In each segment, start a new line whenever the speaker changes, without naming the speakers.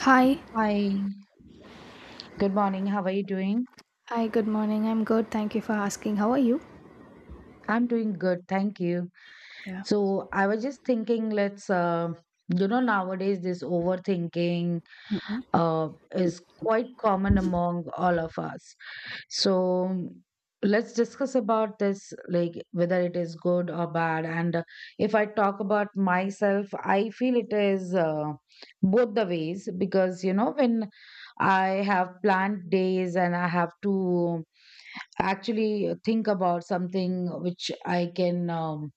Hi.
Hi, good morning. How are you doing?
Hi, good morning. I'm good. Thank you for asking. How are you?
I'm doing good, thank you.
Yeah.
So I was just thinking, let's, nowadays this overthinking
Mhm.
uh, is quite common among all of us. So let's discuss about this, like whether it is good or bad. And if I talk about myself, I feel it is both the ways because, you know, when I have planned days and I have to actually think about something which I can um,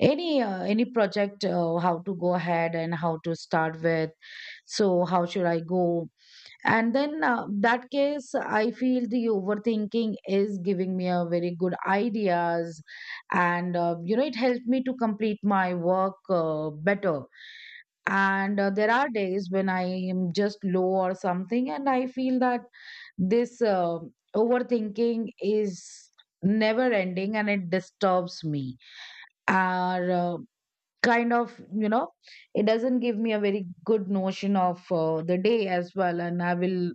any uh, any project how to go ahead and how to start with. So how should I go? And then that case, I feel the overthinking is giving me a very good ideas, and you know it helped me to complete my work better. And there are days when I am just low or something, and I feel that this overthinking is never ending and it disturbs me. Or kind of, you know, it doesn't give me a very good notion of the day as well. And I will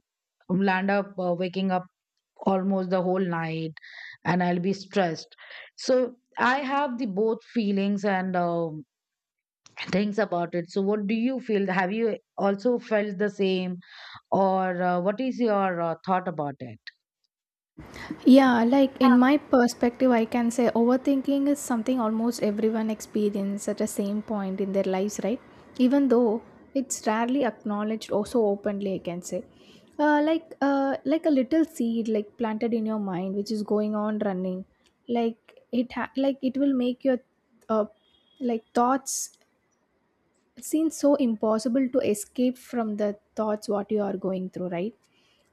land up waking up almost the whole night and I'll be stressed. So I have the both feelings and things about it. So what do you feel? Have you also felt the same, or what is your thought about it?
Yeah, like in my perspective, I can say overthinking is something almost everyone experiences at the same point in their lives, right? Even though it's rarely acknowledged or so openly, I can say. Like a little seed like planted in your mind, which is going on running like it will make your uh, like thoughts seems so impossible to escape from the thoughts what you are going through, right?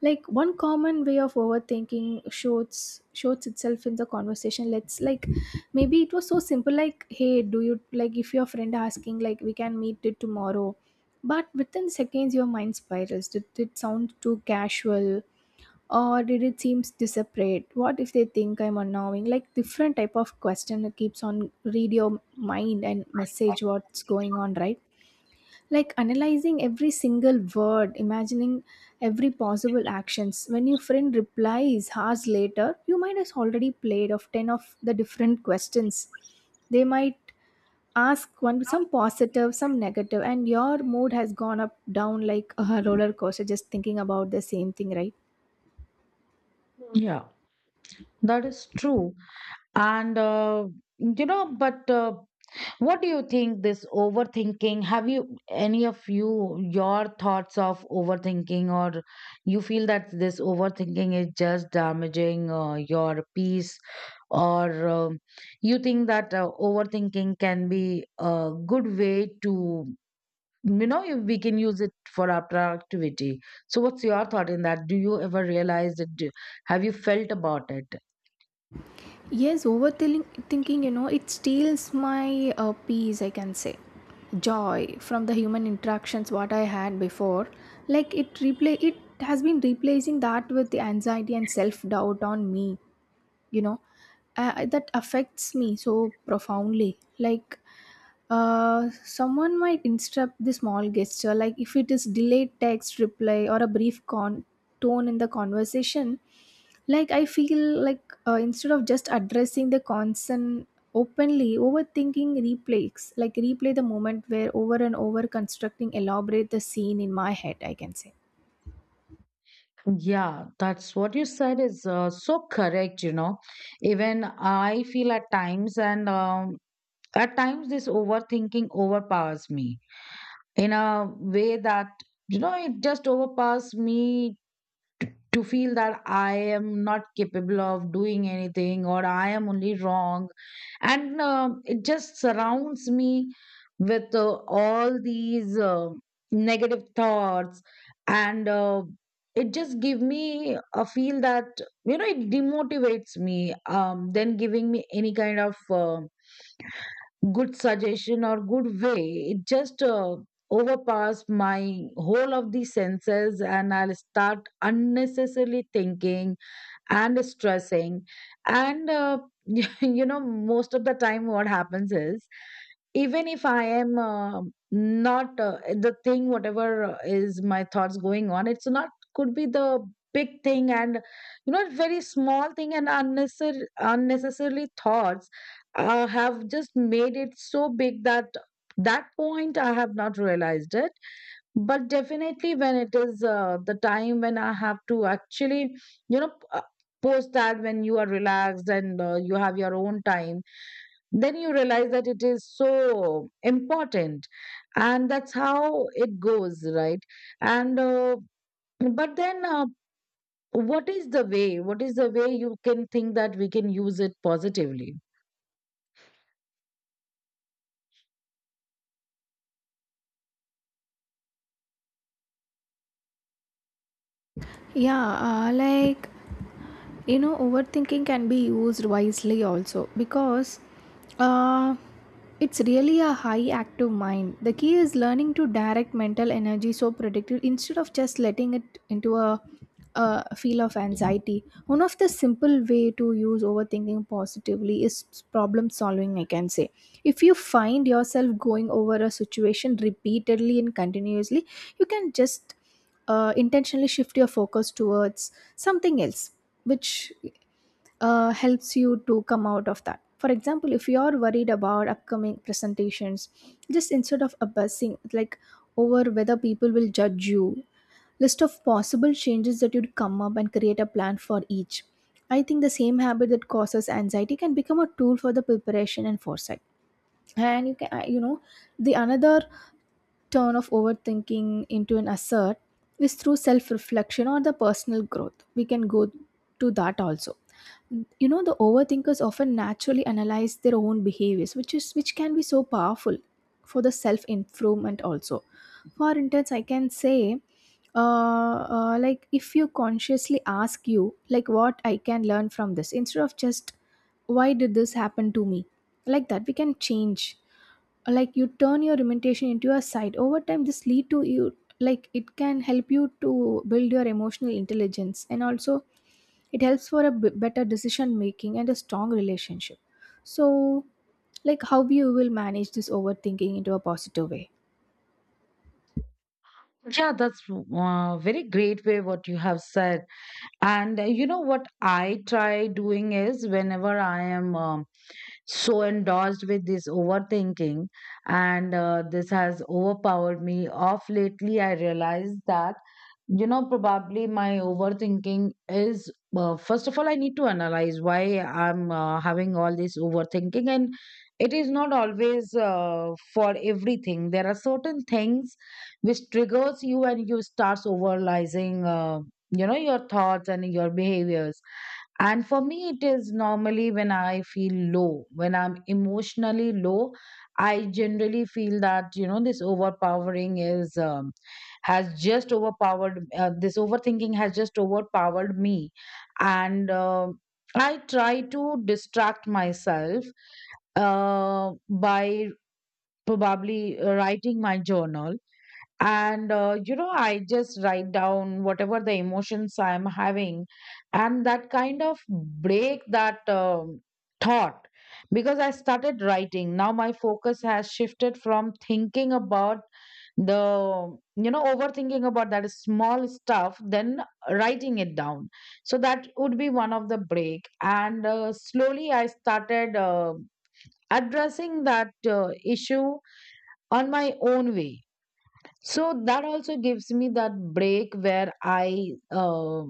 Like one common way of overthinking shows itself in the conversation. Let's like, maybe it was so simple, like, hey, do you like, if your friend asking like, we can meet it tomorrow, but within seconds your mind spirals. Did it sound too casual, or did it seem desperate? What if they think I'm annoying? Like different type of question that keeps on read your mind and message. What's going on, right? Like analyzing every single word, imagining every possible actions. When your friend replies hours later, you might have already played of 10 of the different questions they might ask, one, some positive, some negative, and your mood has gone up down like a roller coaster, just thinking about the same thing, right?
Yeah. That is true. And, you know, but what do you think this overthinking? Have you any of you your thoughts of overthinking, or you feel that this overthinking is just damaging your peace, or you think that overthinking can be a good way to, you know, if we can use it for our productivity? So, what's your thought in that? Do you ever realize it? Do, have you felt about it?
Yes, overthinking, thinking, you know, it steals my peace, I can say. Joy from the human interactions what I had before. Like it replay, it has been replacing that with the anxiety and self-doubt on me, you know, that affects me so profoundly. Like someone might interrupt the small gesture, like if it is delayed text reply or a tone in the conversation. Like I feel like, instead of just addressing the concern openly, overthinking replays, like replay the moment where over and over, constructing elaborate the scene in my head, I can say.
Yeah, that's what you said is so correct, you know. Even I feel at times, and at times, this overthinking overpowers me in a way that, you know, it just overpowers me to feel that I am not capable of doing anything or I am only wrong. And it just surrounds me with all these negative thoughts. And it just give me a feel that, you know, it demotivates me, then giving me any kind of. Good suggestion or good way it just overpass my whole of the senses and I'll start unnecessarily thinking and stressing and you know most of the time what happens is even if I am not the thing whatever is my thoughts going on it's not could be the big thing and you know very small thing and unnecessary unnecessarily thoughts have just made it so big that that point I have not realized it but definitely when it is the time when I have to actually you know post that when you are relaxed and you have your own time then you realize that it is so important, and that's how it goes, right? And uh, but then uh, what is the way, what is the way you can think that we can use it positively?
Yeah, like you know, overthinking can be used wisely also, because uh, it's really a high active mind. The key is learning to direct mental energy so productive, instead of just letting it into a feel of anxiety. One of the simple way to use overthinking positively is problem solving, I can say. If you find yourself going over a situation repeatedly and continuously, you can just intentionally shift your focus towards something else, which helps you to come out of that. For example, if you are worried about upcoming presentations, just instead of obsessing like over whether people will judge you, list of possible changes that you'd come up and create a plan for each. I think the same habit that causes anxiety can become a tool for the preparation and foresight. And you can, you know, the another turn of overthinking into an assert is through self reflection or the personal growth. We can go to that also. You know, the overthinkers often naturally analyze their own behaviors, which is which can be so powerful for the self improvement also. For instance, I can say, like if you consciously ask you, like what I can learn from this, instead of just why did this happen to me, like that we can change. Like you turn your limitation into a side. Over time this lead to you, like it can help you to build your emotional intelligence, and also it helps for a better decision making and a strong relationship. So like how you will manage this overthinking into a positive way.
Yeah, that's very great way what you have said. And you know what I try doing is whenever I am so endorsed with this overthinking and this has overpowered me off lately, I realized that you know probably my overthinking is first of all I need to analyze why I'm having all this overthinking, and it is not always for everything. There are certain things which triggers you and you starts overanalyzing, you know, your thoughts and your behaviors. And for me it is normally when I feel low, when I'm emotionally low, I generally feel that you know this overpowering is has just overpowered this overthinking has just overpowered me. And I try to distract myself, uh, by probably writing my journal, and you know I just write down whatever the emotions I'm having, and that kind of break that thought, because I started writing now. My focus has shifted from thinking about the, you know, overthinking about that small stuff, then writing it down. So that would be one of the break, and slowly I started addressing that issue on my own way. So that also gives me that break where I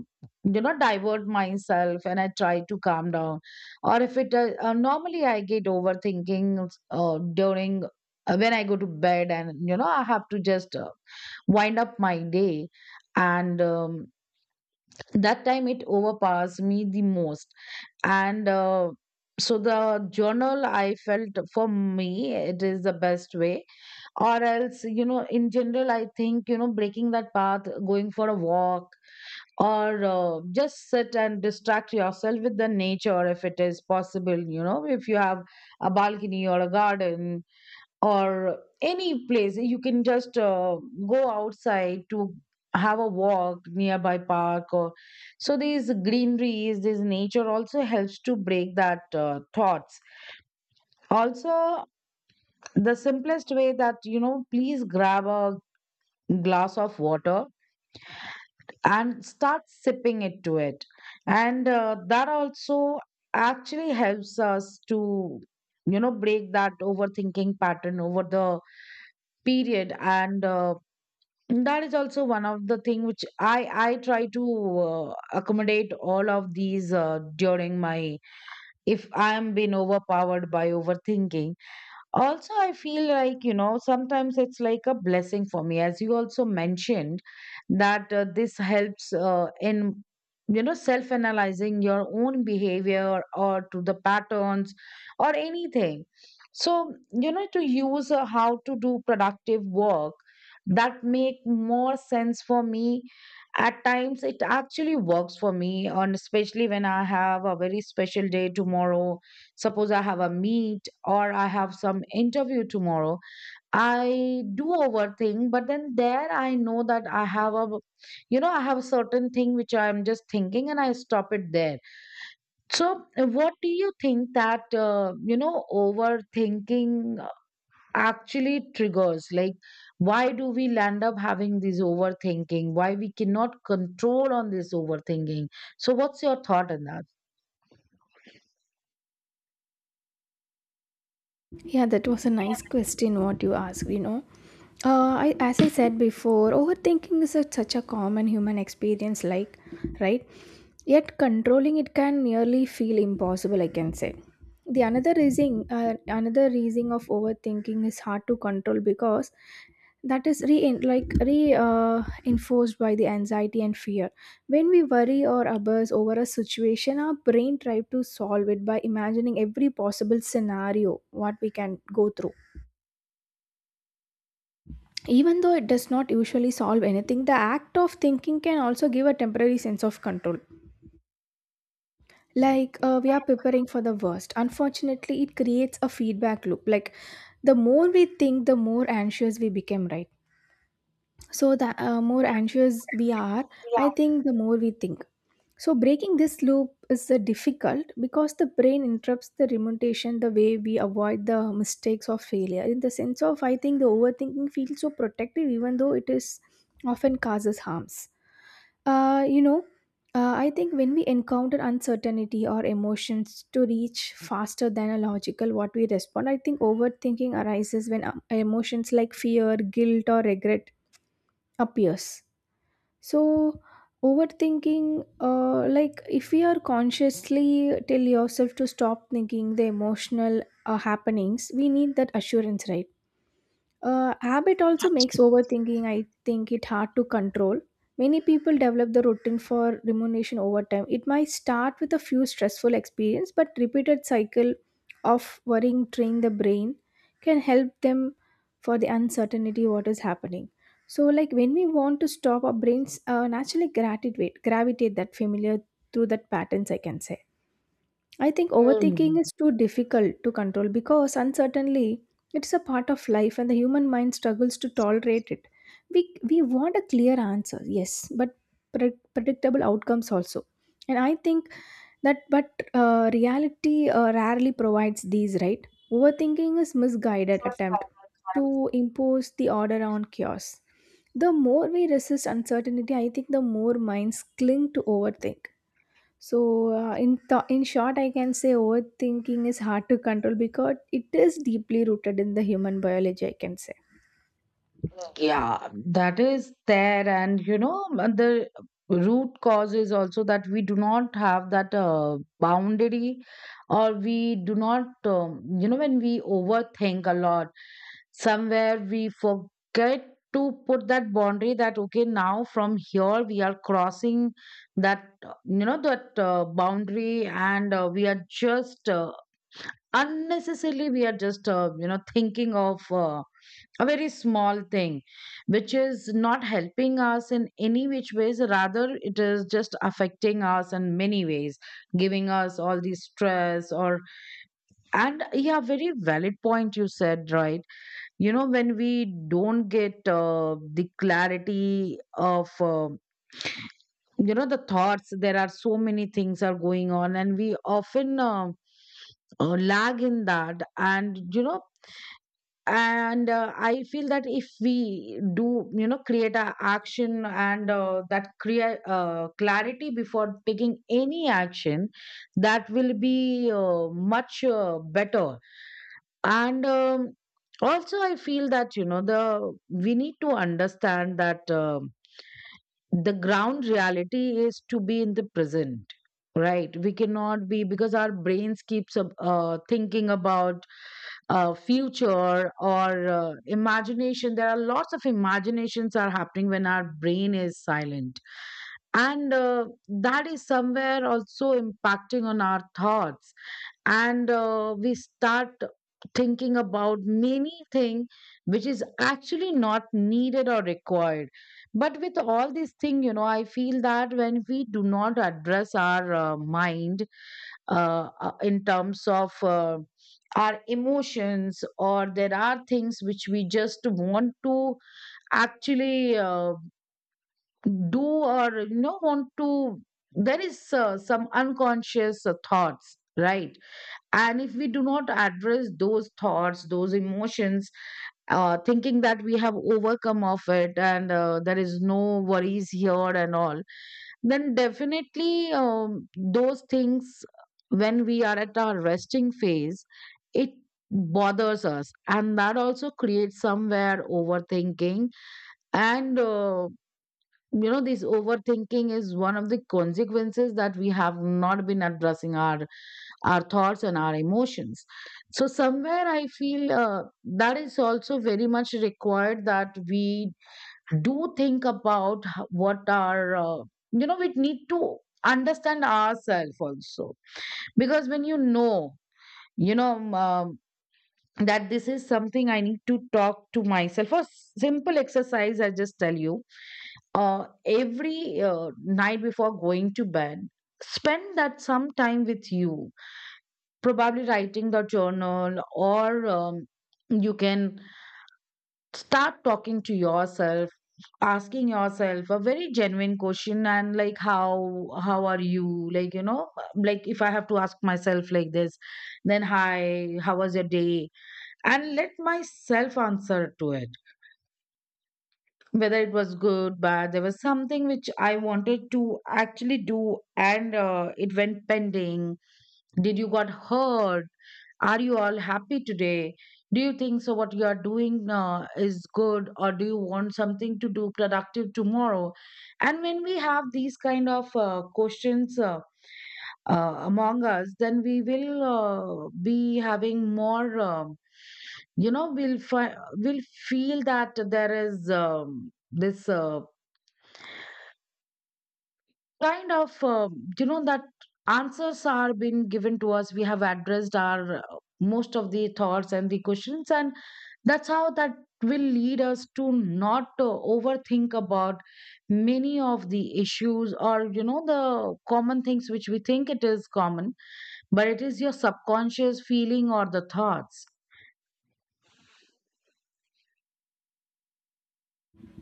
you know, divert myself and I try to calm down. Or if it normally I get overthinking during when I go to bed, and you know, I have to just wind up my day, and that time it overpowers me the most. And so the journal I felt for me it is the best way. Or else you know in general I think you know breaking that path, going for a walk, or just sit and distract yourself with the nature if it is possible. You know, if you have a balcony or a garden or any place, you can just go outside to have a walk nearby park or so. These greeneries, this nature also helps to break that thoughts also. The simplest way that you know please grab a glass of water and start sipping it to it, and that also actually helps us to you know break that overthinking pattern over the period. And that is also one of the thing which I try to accommodate all of these during my if I am being overpowered by overthinking. Also I feel like you know sometimes it's like a blessing for me, as you also mentioned that this helps in you know self analyzing your own behavior or to the patterns or anything. So you know to use a how to do productive work that make more sense for me. At times it actually works for me, and especially when I have a very special day tomorrow. Suppose I have a meet or I have some interview tomorrow. I do overthink, but then there I know that I have a, you know, I have a certain thing which I'm just thinking and I stop it there. So, what do you think that, you know, overthinking actually triggers? Like, why do we land up having this overthinking? Why we cannot control on this overthinking? So, what's your thought on that?
Yeah, that was a nice question what you asked, you know. I, as I said before, overthinking is a such a common human experience, like, right? Yet controlling it can nearly feel impossible, I can say. The another reason of overthinking is hard to control, because that is re like re enforced by the anxiety and fear. When we worry or obsess over a situation, our brain tries to solve it by imagining every possible scenario what we can go through. Even though it does not usually solve anything, the act of thinking can also give a temporary sense of control. Like we are preparing for the worst. Unfortunately, it creates a feedback loop. Like the more we think, the more anxious we become, right? So the more anxious we are, I think the more we think. So breaking this loop is difficult, because the brain interrupts the remuneration the way we avoid the mistakes of failure. In the sense of, I think the overthinking feels so protective, even though it is often causes harms. You know, I think when we encounter uncertainty or emotions to reach faster than a logical what we respond, I think overthinking arises when emotions like fear, guilt, or regret appears. So overthinking, like if we are consciously tell yourself to stop thinking the emotional happenings, we need that assurance, right? Habit also makes overthinking, I think, it hard to control. Many people develop the routine for rumination over time. It might start with a few stressful experience, but repeated cycle of worrying train the brain can help them for the uncertainty what is happening. So, like when we want to stop, our brains naturally gravitate that familiar through that patterns, I can say. I think
Mm.
overthinking is too difficult to control, because uncertainly it's a part of life and the human mind struggles to tolerate it. We want a clear answer, yes, but predictable outcomes also. And I think that, but reality rarely provides these, right? Overthinking is misguided attempt to impose the order on chaos. The more we resist uncertainty, I think the more minds cling to overthink. So, in short, I can say overthinking is hard to control because it is deeply rooted in the human biology, I can say.
Yeah, that is there. And, you know, the root cause is also that we do not have that boundary, or we do not, you know, when we overthink a lot, somewhere we forget to put that boundary that, okay, now from here we are crossing that, you know, that boundary, and we are just unnecessarily, we are just you know thinking of a very small thing which is not helping us in any which ways, rather it is just affecting us in many ways, giving us all the stress or. And yeah very valid point you said, right? You know when we don't get the clarity of you know the thoughts, there are so many things are going on and we often lag in that, and you know, and I feel that if we do you know create a action, and that create clarity before taking any action, that will be much better. And also I feel that you know the we need to understand that the ground reality is to be in the present, right? We cannot be because our brains keeps up, thinking about future or imagination. There are lots of imaginations are happening when our brain is silent, and that is somewhere also impacting on our thoughts, and we start thinking about many things which is actually not needed or required. But with all these thing, you know, I feel that when we do not address our mind in terms of our emotions, or there are things which we just want to actually do, or, you know, want to, there is some unconscious thoughts, right? And if we do not address those thoughts, those emotions, thinking that we have overcome of it, and there is no worries here and all, then definitely those things, when we are at our resting phase, it bothers us, and that also creates somewhere overthinking. And You know, this overthinking is one of the consequences that we have not been addressing our thoughts and our emotions. So somewhere I feel that is also very much required that we do think about what our uh, we need to understand ourselves also. Because when you know that this is something I need to talk to myself. For simple exercise, I just tell you: every night before going to bed, spend that some time with you, probably writing the journal, or you can start talking to yourself, asking yourself a very genuine question. And like how are you, like, you know, like if I have to ask myself like this, then hi, how was your day? And let myself answer to it. Whether it was good, bad, there was something which I wanted to actually do and it went pending. Did you got hurt? Are you all happy today? Do you think so? What you are doing is good, or do you want something to do productive tomorrow? And when we have these kind of questions among us, then we will be having more. You know, we'll feel that there is this. Kind of that answers are being given to us, we have addressed our most of the thoughts and the questions. And that's how that will lead us to not overthink about many of the issues, or you know, the common things which we think it is common, but it is your subconscious feeling or the thoughts.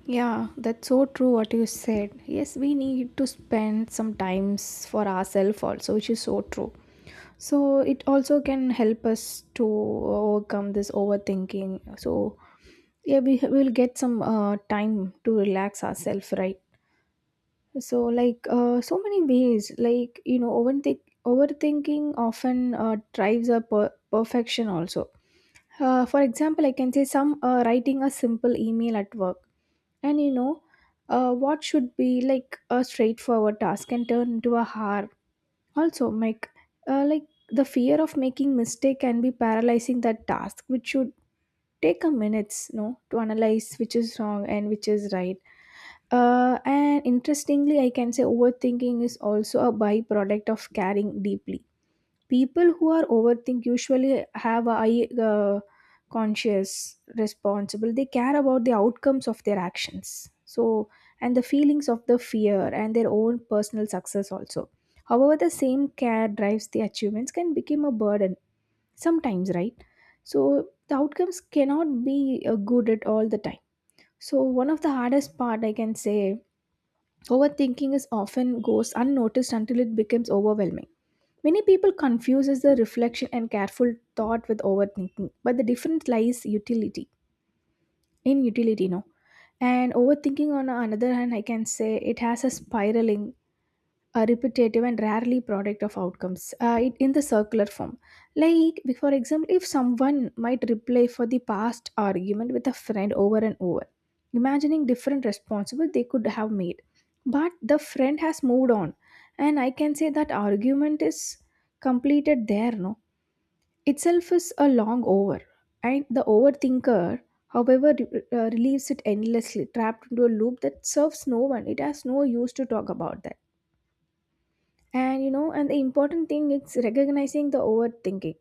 Yeah, that's so true, what you said. Yes, we need to spend some times for ourselves also, which is so true. So it also can help us to overcome this overthinking. So yeah, we will get some time to relax ourselves, right? So like, so many ways, like you know, overthinking often drives a perfection also. For example, I can say some writing a simple email at work, and you know, what should be like a straightforward task can turn into a hard. Also make like the fear of making mistake can be paralyzing that task which should take a minutes no to analyze which is wrong and which is right. And interestingly, I can say overthinking is also a byproduct of caring deeply. People who are overthink usually have a high, conscious, responsible. They care about the outcomes of their actions. So, and the feelings of the fear and their own personal success also. However, the same care drives the achievements can become a burden sometimes, right? So the outcomes cannot be good at all the time. So one of the hardest part, I can say, overthinking is often goes unnoticed until it becomes overwhelming. Many people confuses the reflection and careful thought with overthinking, but the difference lies utility in utility, no. And overthinking on the another hand, I can say it has a spiraling, a repetitive and rarely product of outcomes, it, in the circular form. Like for example, if someone might replay for the past argument with a friend over and over, imagining different responsible they could have made, but the friend has moved on. And I can say that argument is completed there, no, itself is a long over. And the overthinker however relieves it endlessly, trapped into a loop that serves no one. It has no use to talk about that. And you know, and the important thing is recognizing the overthinking,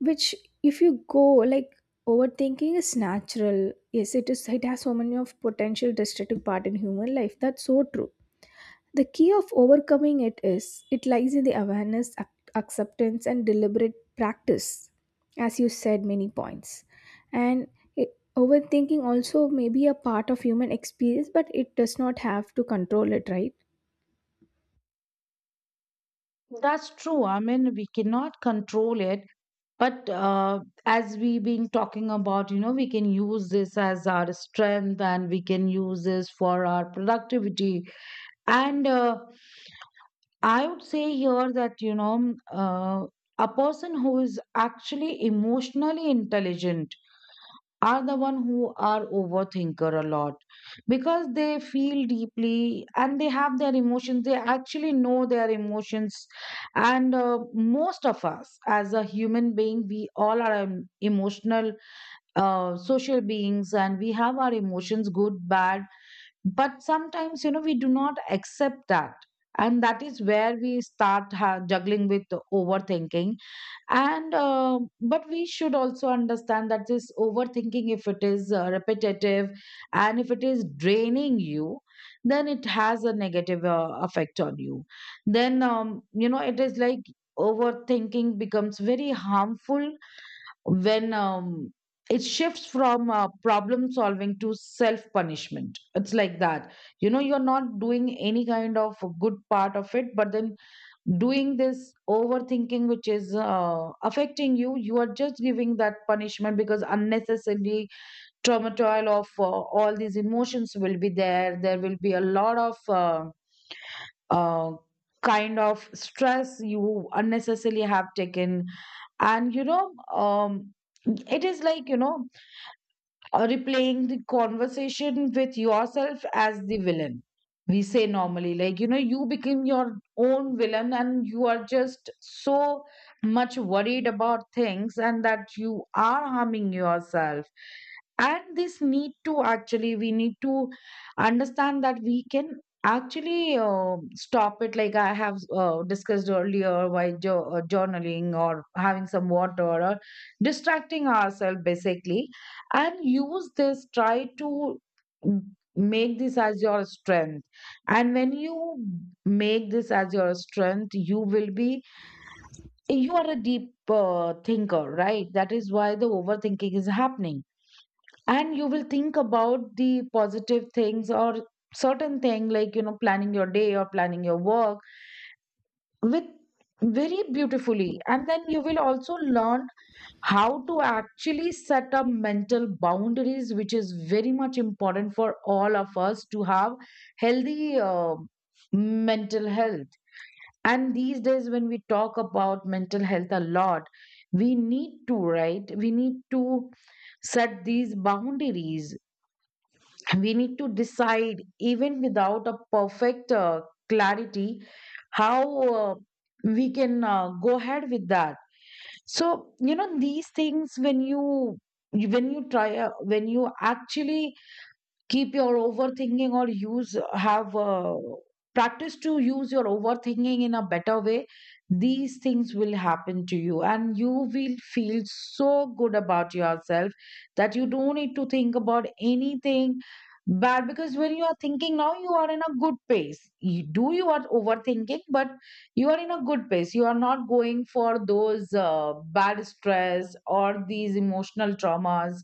which if you go like, overthinking is natural, yes, it is. It has so many of potential destructive part in human life, that's so true. The key of overcoming it is, it lies in the awareness, acceptance and deliberate practice, as you said, many points. And it, overthinking also may be a part of human experience, but it does not have to control it, right?
That's true, I mean, we cannot control it. But as we been talking about, you know, we can use this as our strength, and we can use this for our productivity. And I would say here that, you know, a person who is actually emotionally intelligent are the one who are overthinker a lot, because they feel deeply, and they have their emotions, they actually know their emotions. And Most of us, as a human being, we all are emotional, social beings, and we have our emotions, good, bad. But sometimes, you know, we do not accept that, and that is where we start juggling with overthinking. And But we should also understand that this overthinking, if it is repetitive, and if it is draining you, then it has a negative effect on you. Then you know, it is like overthinking becomes very harmful when it shifts from problem solving to self punishment. It's like that, you know, you're not doing any kind of good part of it, but then doing this overthinking which is affecting you. You are just giving that punishment, because unnecessarily turmoil of all these emotions will be there, there will be a lot of uh, kind of stress you unnecessarily have taken. And, it is like, you know, or replaying the conversation with yourself as the villain. We say normally, like, you know, you become your own villain, and you are just so much worried about things, and that you are harming yourself. And this need to actually, we need to understand that we can actually stop it. Like I have discussed earlier, by journaling, or having some water, or distracting ourselves basically. And use this, try to make this as your strength. And when you make this as your strength, you will be, you are a deep thinker, right? That is why the overthinking is happening. And you will think about the positive things, or certain thing, like, you know, planning your day or planning your work with, very beautifully. And then you will also learn how to actually set up mental boundaries, which is very much important for all of us to have healthy mental health. And these days when we talk about mental health a lot, we need to, right, we need to set these boundaries, we need to decide, even without a perfect clarity, how uh, we can go ahead with that. So you know, these things when you, when you try, when you actually keep your overthinking, or use, have practice to use your overthinking in a better way, these things will happen to you, and you will feel so good about yourself, that you don't need to think about anything bad. Because when you are thinking now, you are in a good pace, you do, you are overthinking, but you are in a good pace, you are not going for those bad stress or these emotional traumas.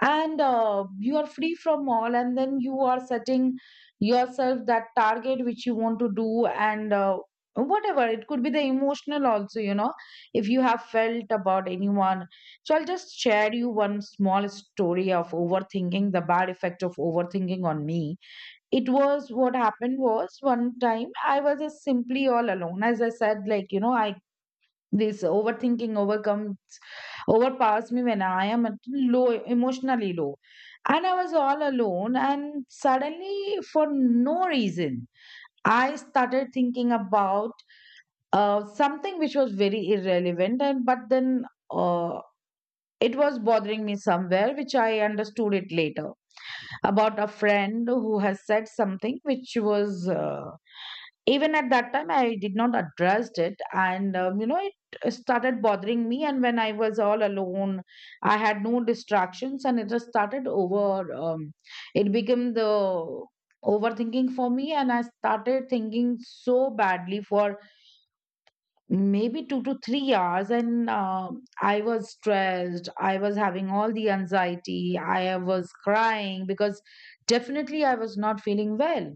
And you are free from all, and then you are setting yourself that target which you want to do, and whatever it could be, the emotional also, you know, if you have felt about anyone. So I'll just share you one small story of overthinking, the bad effect of overthinking on me. It was, what happened was, one time I was just simply all alone. As I said, like, you know, I, this overthinking overcomes, overpowers me when I am at low, emotionally low. And I was all alone, and suddenly, for no reason, I started thinking about something which was very irrelevant, and but then uh, it was bothering me somewhere, which I understood it later, about a friend who has said something which was even at that time I did not address it. And, you know, it started bothering me, and when I was all alone, I had no distractions, and it just started over, it became the overthinking for me. And I started thinking so badly for maybe 2 to 3 hours, and I was stressed, I was having all the anxiety, I was crying, because definitely I was not feeling well.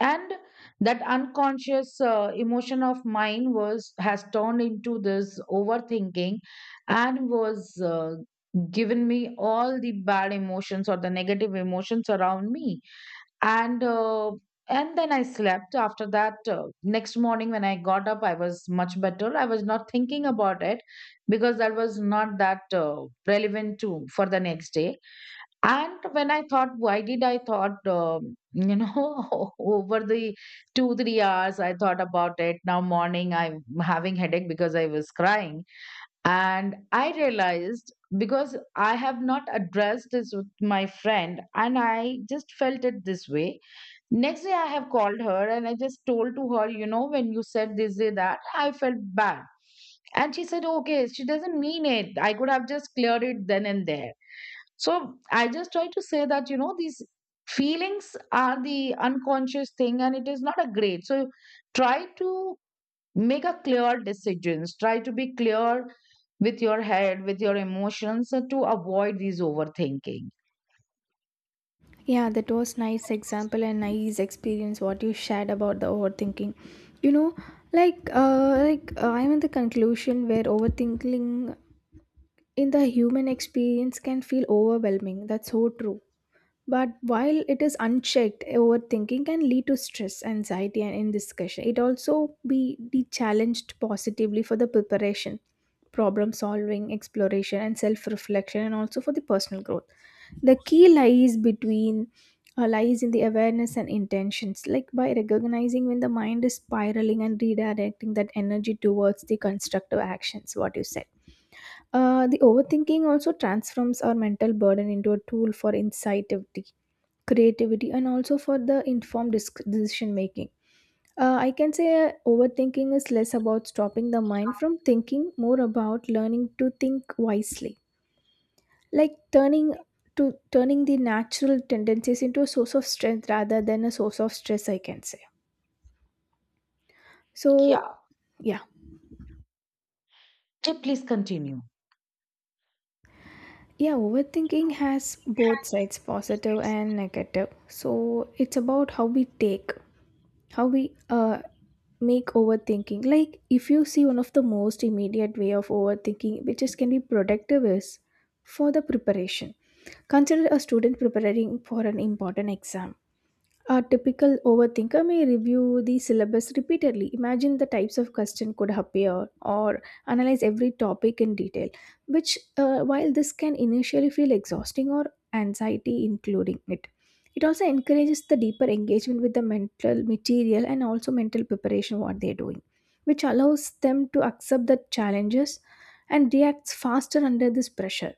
And that unconscious emotion of mine was, has turned into this overthinking, and was given me all the bad emotions, or the negative emotions around me. And and then I slept. After that, next morning when I got up, I was much better. I was not thinking about it, because that was not that relevant to, for the next day. And when I thought, why did I thought, you know, over the two, 3 hours, I thought about it. Now morning, I'm having headache because I was crying. And I realized, because I have not addressed this with my friend, and I just felt it this way. Next day, I have called her, and I just told to her, you know, when you said this, day, that, I felt bad. And she said, okay, she doesn't mean it. I could have just cleared it then and there. So I just try to say that, you know, these feelings are the unconscious thing, and it is not a grade. So try to make a clear decisions, try to be clear with your head, with your emotions, to avoid these overthinking.
Yeah, that was nice example and nice experience what you shared about the overthinking. You know, like I'm in the conclusion where overthinking in the human experience can feel overwhelming. That's so true. But while it is unchecked, overthinking can lead to stress, anxiety, and indiscretion. It also be challenged positively for the preparation, problem solving, exploration, and self reflection, and also for the personal growth. The key lies between lies in the awareness and intentions. Like by recognizing when the mind is spiraling and redirecting that energy towards the constructive actions, what you said. The overthinking also transforms our mental burden into a tool for insightability, creativity and also for the informed decision making. I can say overthinking is less about stopping the mind from thinking, more about learning to think wisely, like turning to turning the natural tendencies into a source of strength rather than a source of stress, I can say. So
Yeah.
yeah.
Jay, please continue.
Yeah, overthinking has both sides, positive and negative. So it's about how we take, how we uh make overthinking. Like if you see one of the most immediate way of overthinking which is can be productive is for the preparation. Consider a student preparing for an important exam. A typical overthinker may review the syllabus repeatedly, imagine the types of question could appear, or analyze every topic in detail. Which, while this can initially feel exhausting or anxiety, including it, it also encourages the deeper engagement with the mental material and also mental preparation what they're doing, which allows them to accept the challenges and reacts faster under this pressure.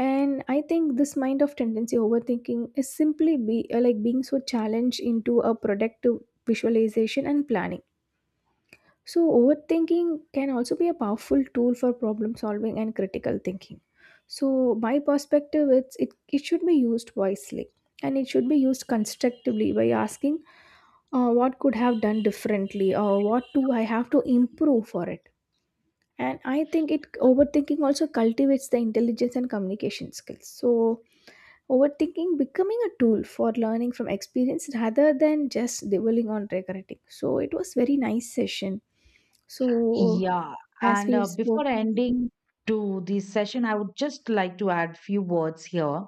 And I think this mind of tendency overthinking is simply be like being so challenged into a productive visualization and planning. So overthinking can also be a powerful tool for problem solving and critical thinking. So my perspective is, it should be used wisely, and it should be used constructively by asking what could have done differently or what do I have to improve for it. And I think it overthinking also cultivates the intelligence and communication skills. So overthinking becoming a tool for learning from experience rather than just dwelling on regretting. So it was very nice session. So
Yeah.
as
and
we
Before
spoke,
ending to this session, I would just like to add few words here.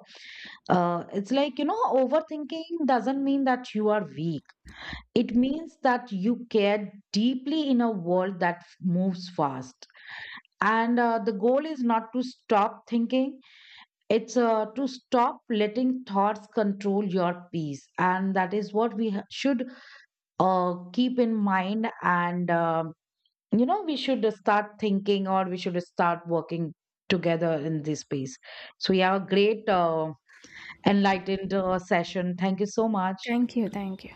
It's like, you know, overthinking doesn't mean that you are weak. It means that you care deeply in a world that moves fast. And The goal is not to stop thinking, it's to stop letting thoughts control your peace. And that is what should keep in mind. And, you know, we should start thinking, or we should start working together in this space. So, we have a great enlightened session. Thank you so much.
thank you, thank you.